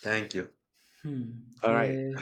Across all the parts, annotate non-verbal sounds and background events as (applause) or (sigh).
Thank you. Hmm. All right. Yeah.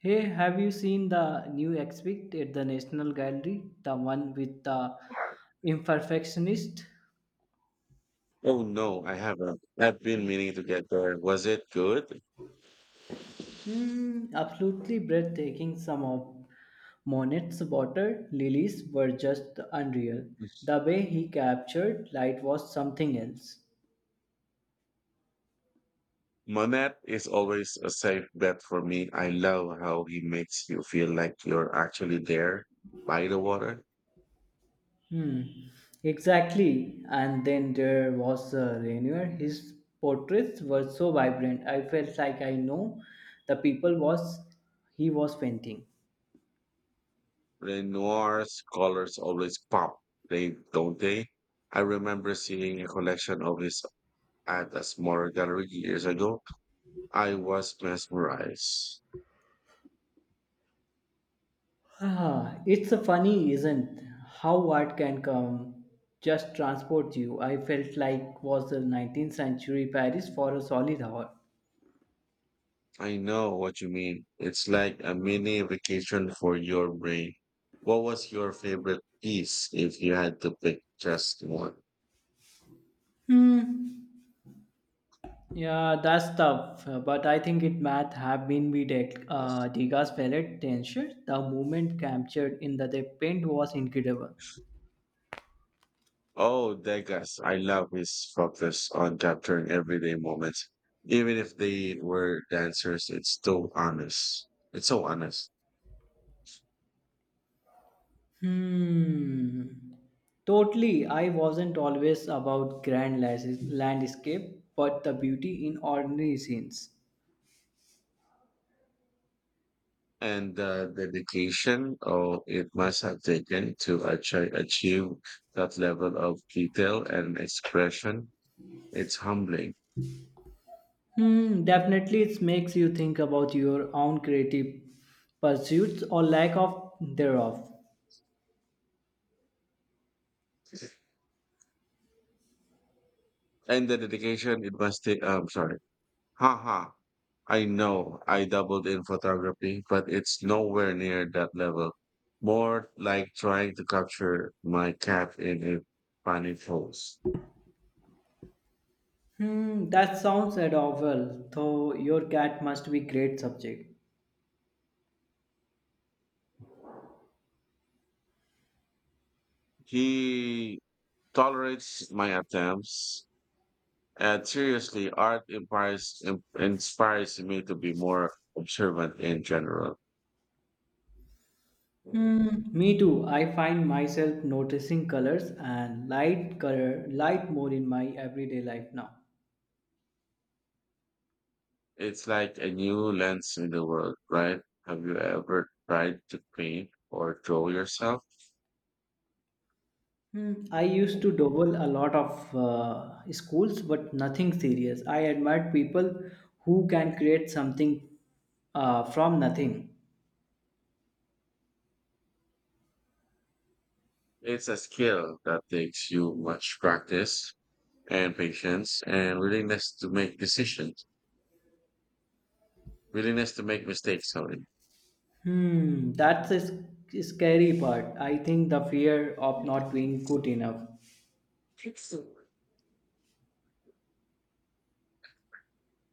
Hey, have you seen the new exhibit at the National Gallery? The one with the imperfectionist? Oh no, I haven't. I've been meaning to get there. Was it good? Hmm, absolutely breathtaking. Some of Monet's water lilies were just unreal. The way he captured light was something else. Monet is always a safe bet for me. I love how he makes you feel like you're actually there by the water. Hmm, exactly. And then there was Renier. His portraits were so vibrant. I felt like I know the people was he was painting. Renoir's colors always pop, they don't they? I remember seeing a collection of his at a smaller gallery years ago. I was mesmerized. Ah, it's a funny, isn't how art can come just transport you. I felt like was the 19th century Paris for a solid hour. I know what you mean. It's like a mini vacation for your brain. What was your favorite piece if you had to pick just one? Hmm. Yeah, that's tough. But I think it might have been with Degas palette tension. The movement captured in the paint was incredible. Oh, Degas. I love his focus on capturing everyday moments. Even if they were dancers, it's still honest. It's so honest. Hmm. Totally. I wasn't always about landscape, but the beauty in ordinary scenes. And the dedication oh, it must have taken to achieve that level of detail and expression, it's humbling. Hmm. Definitely, it makes you think about your own creative pursuits or lack of thereof. And the dedication it must take. I'm sorry. Haha. I know I doubled in photography, but it's nowhere near that level. More like trying to capture my cat in a funny pose. Hmm. That sounds adorable. Though your cat must be great subject. He tolerates my attempts. And seriously, art inspires, inspires me to be more observant in general. Hmm, me too. I find myself noticing colors and light color light more in my everyday life now. It's like a new lens in the world, right? Have you ever tried to paint or draw yourself? Hmm, I used to double a lot of schools, but nothing serious. I admired people who can create something from nothing. It's a skill that takes you much practice and patience and willingness to make decisions, willingness to make mistakes. Sorry. Hmm, that's a scary part. I think the fear of not being good enough.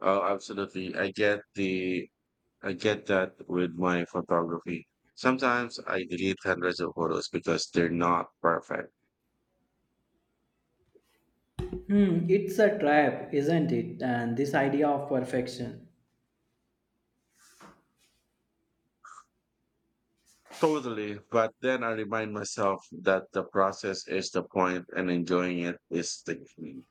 Oh, absolutely. I get that with my photography. Sometimes I delete hundreds of photos because they're not perfect. Hmm, it's a trap, isn't it? And this idea of perfection. Totally. But then I remind myself that the process is the point and enjoying it is the key.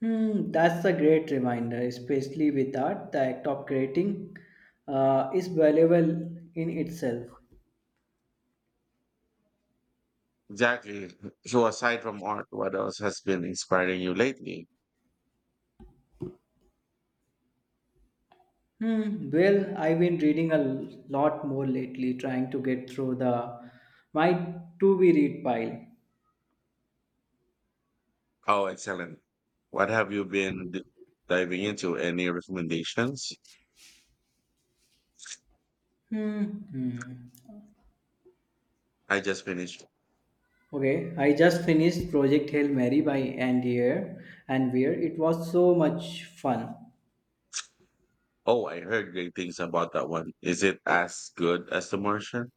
Hmm, that's a great reminder, especially with art. The act of creating is valuable in itself. Exactly. So aside from art, what else has been inspiring you lately? Hmm, well, I've been reading a lot more lately, trying to get through the my to be read pile. Oh, excellent. What have you been diving into? Any recommendations? Hmm. hmm. I just finished. Okay, I just finished Project Hail Mary by Andy Weir. It was so much fun. Oh, I heard great things about that one. Is it as good as The Martian?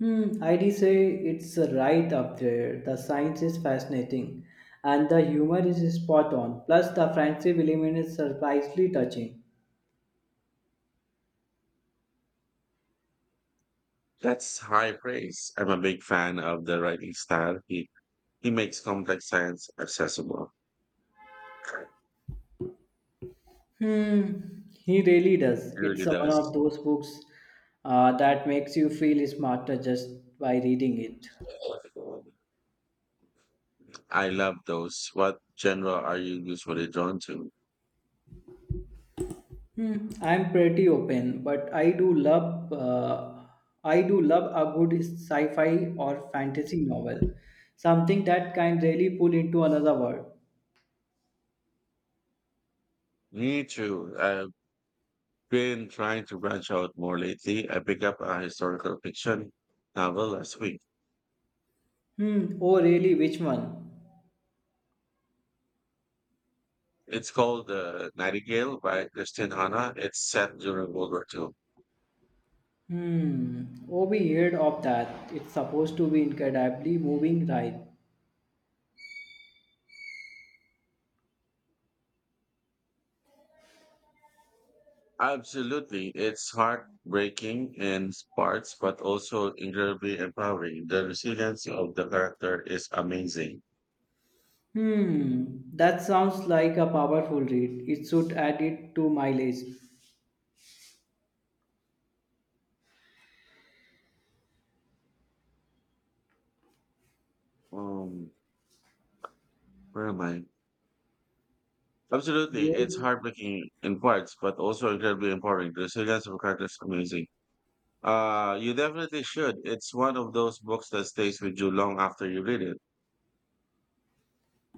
Hmm, I'd say it's right up there. The science is fascinating, and the humor is spot on. Plus, the friendship element is surprisingly touching. That's high praise. I'm a big fan of the writing style. He makes complex science accessible. He Hmm, he really does. It's really one of does. those books that makes you feel smarter just by reading it. I love those. What genre are you usually drawn to? Hmm, I'm pretty open, but I do love a good sci-fi or fantasy novel, something that can really pull into another world. Me too. I've been trying to branch out more lately. I picked up a historical fiction novel last week. Hmm. Oh, really? Which one? It's called Nightingale by Christine Hanna. It's set during World War Two. Hmm. Oh, we heard of that. It's supposed to be incredibly moving, right? Absolutely. It's heartbreaking in parts, but also incredibly empowering. The resilience of the character is amazing. Hmm. That sounds like a powerful read. It should add it to my list. Um, Where am I? Absolutely. It's You? heartbreaking in parts, but also incredibly important. The resilience of a character is amazing. You definitely should. It's one of those books that stays with you long after you read it.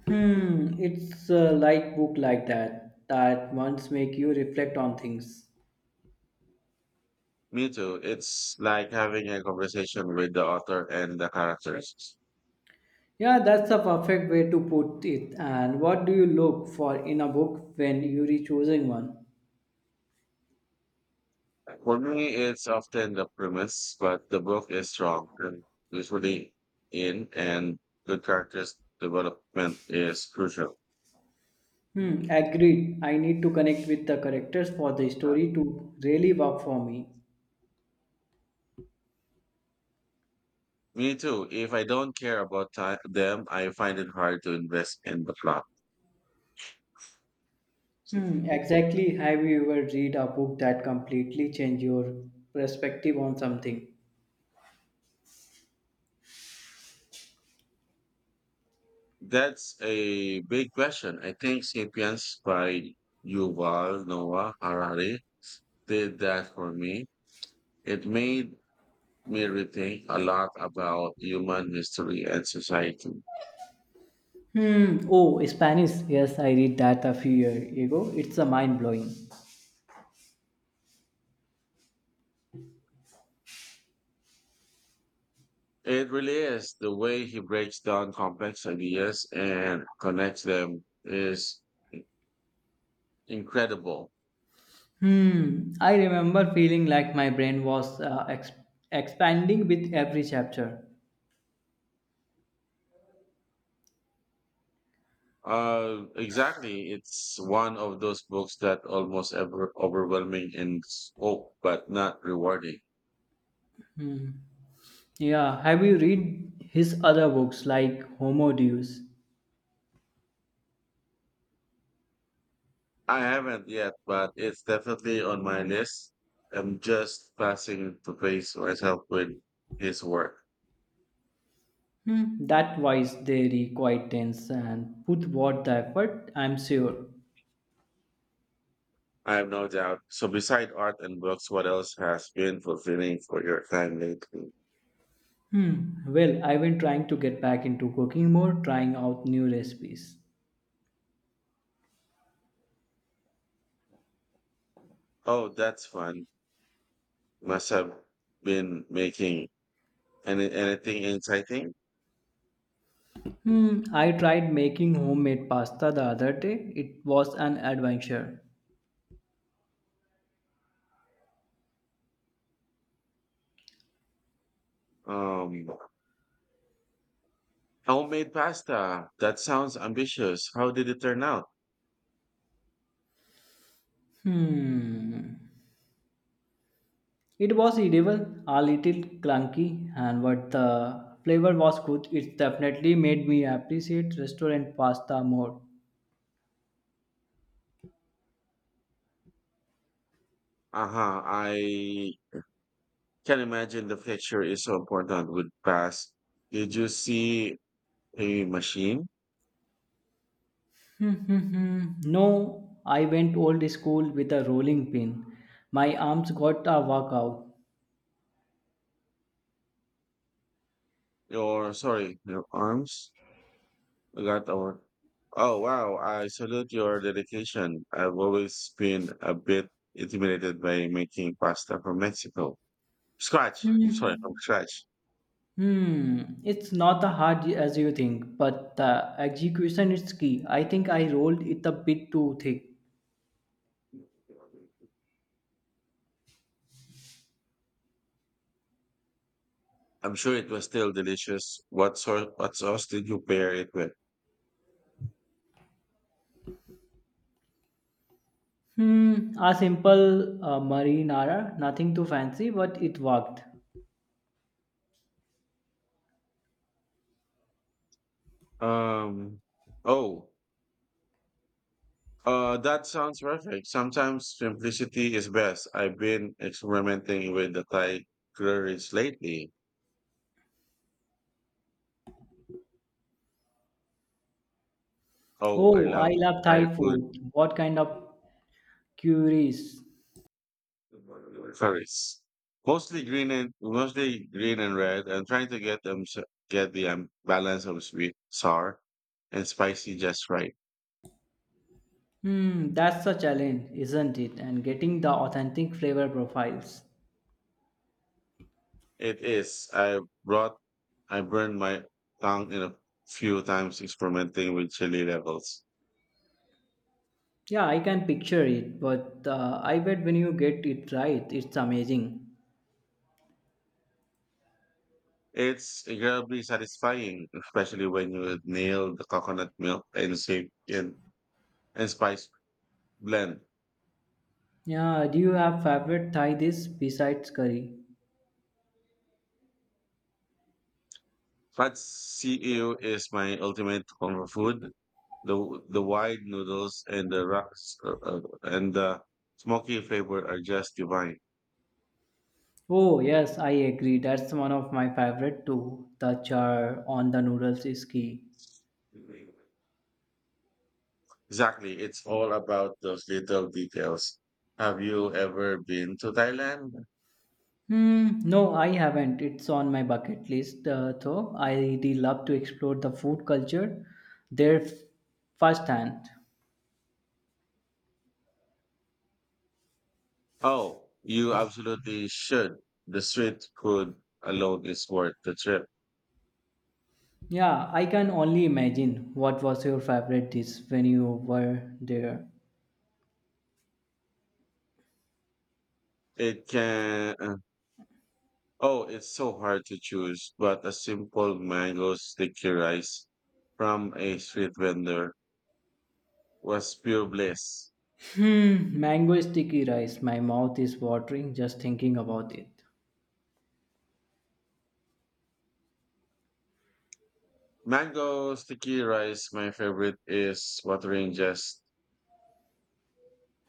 Hmm. It's like book like that that once make you reflect on things. Me too. It's like having a conversation with the author and the characters. Yeah, that's a perfect way to put it. And what do you look for in a book when you're choosing one? For me, it's often the premise, but the book is strong and usually in, and good characters development is crucial. Hmm, agreed. I need to connect with the characters for the story to really work for me. Me too. If I don't care about them, I find it hard to invest in the plot. Hmm, exactly. Have you ever read a book that completely changed your perspective on something? That's a big question. I think Sapiens by Yuval Noah Harari did that for me. It made me rethink a lot about human history and society. Hmm. Oh, Spanish. Yes, I read that a few years ago. It's a mind blowing. It really is. The way he breaks down complex ideas and connects them is incredible. Hmm. I remember feeling like my brain was expanding with every chapter. Exactly. It's one of those books that almost ever overwhelming in scope, but not rewarding. Yeah. Have you read his other books like Homo Deus? I haven't yet, but it's definitely on my list. I'm just passing to face myself with his work. Hmm, that wise they require tense and put what the effort, I'm sure. I have no doubt. So beside art and books, what else has been fulfilling for your time lately? Hmm, well, I've been trying to get back into cooking more, trying out new recipes. Oh, that's fun. Must have been making anything exciting. Hmm, I tried making homemade pasta the other day. It was an adventure. Um, Homemade pasta. That sounds ambitious. How did it turn out? Hmm, it was edible, a little clunky, and but the flavor was good. It definitely made me appreciate restaurant pasta more. Uh-huh. I can imagine the texture is so important with pasta. Did you see a machine? (laughs) No, I went old school with a rolling pin. My arms got a workout. Your, sorry, your arms? I got our. Oh, wow. I salute your dedication. I've always been a bit intimidated by making pasta from Mexico. (laughs) Scratch. I'm sorry, Hmm. from scratch. Hmm. It's not as hard as you think, but the execution is key. I think I rolled it a bit too thick. I'm sure it was still delicious. What sauce did you pair it with? (laughs) Hmm. A simple marinara, nothing too fancy, but it worked. Um, oh, that sounds perfect. Sometimes simplicity is best. I've been experimenting with the Thai curries lately. Oh, I Oh, I love love Thai Thai food. food. What kind of curries? Curries. Mostly green and red. I'm trying to get get the balance of sweet, sour, and spicy just right. Hmm, that's a challenge, isn't it? And getting the authentic flavor profiles. It is. I brought. I burned my tongue in a few times experimenting with chili levels. Yeah, I can picture it, but I bet when you get it right, it's amazing. It's incredibly satisfying, especially when you nail the coconut milk and save and spice blend. Yeah, do you have favorite Thai dish besides curry? But CEU is my ultimate comfort food. The wide noodles and the rocks and the smoky flavor are just divine. Oh, yes, I agree. That's one of my favorite too. The char on the noodles is key. Exactly, it's all about those little details. Have you ever been to Thailand? Hmm, no, I haven't. It's on my bucket list, though. I really love to explore the food culture there f- firsthand. Oh, you absolutely should. The street food alone is worth the trip. Yeah, I can only imagine what was your favorite dish when you were there. It can, oh, it's so hard to choose, but a simple mango sticky rice from a street vendor was pure bliss. Hmm, mango sticky rice. My mouth is watering just thinking about it. Mango sticky rice, my favorite is watering just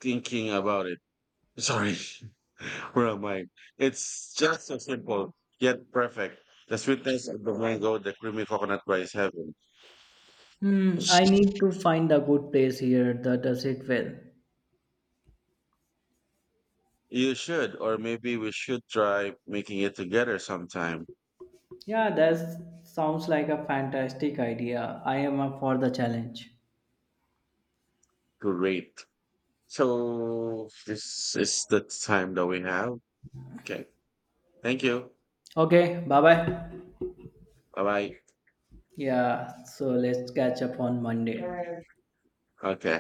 thinking about it. Sorry, (laughs) where am I? It's just so simple, yet perfect. The sweetness of the mango, the creamy coconut rice heaven. Hmm, I need to find a good place here that does it well. You should, or maybe we should try making it together sometime. Yeah, that sounds like a fantastic idea. I am up for the challenge. Great. So this is the time that we have. Okay. Thank you. Okay, bye bye. Bye Yeah, so let's catch up on Monday. bye. Okay.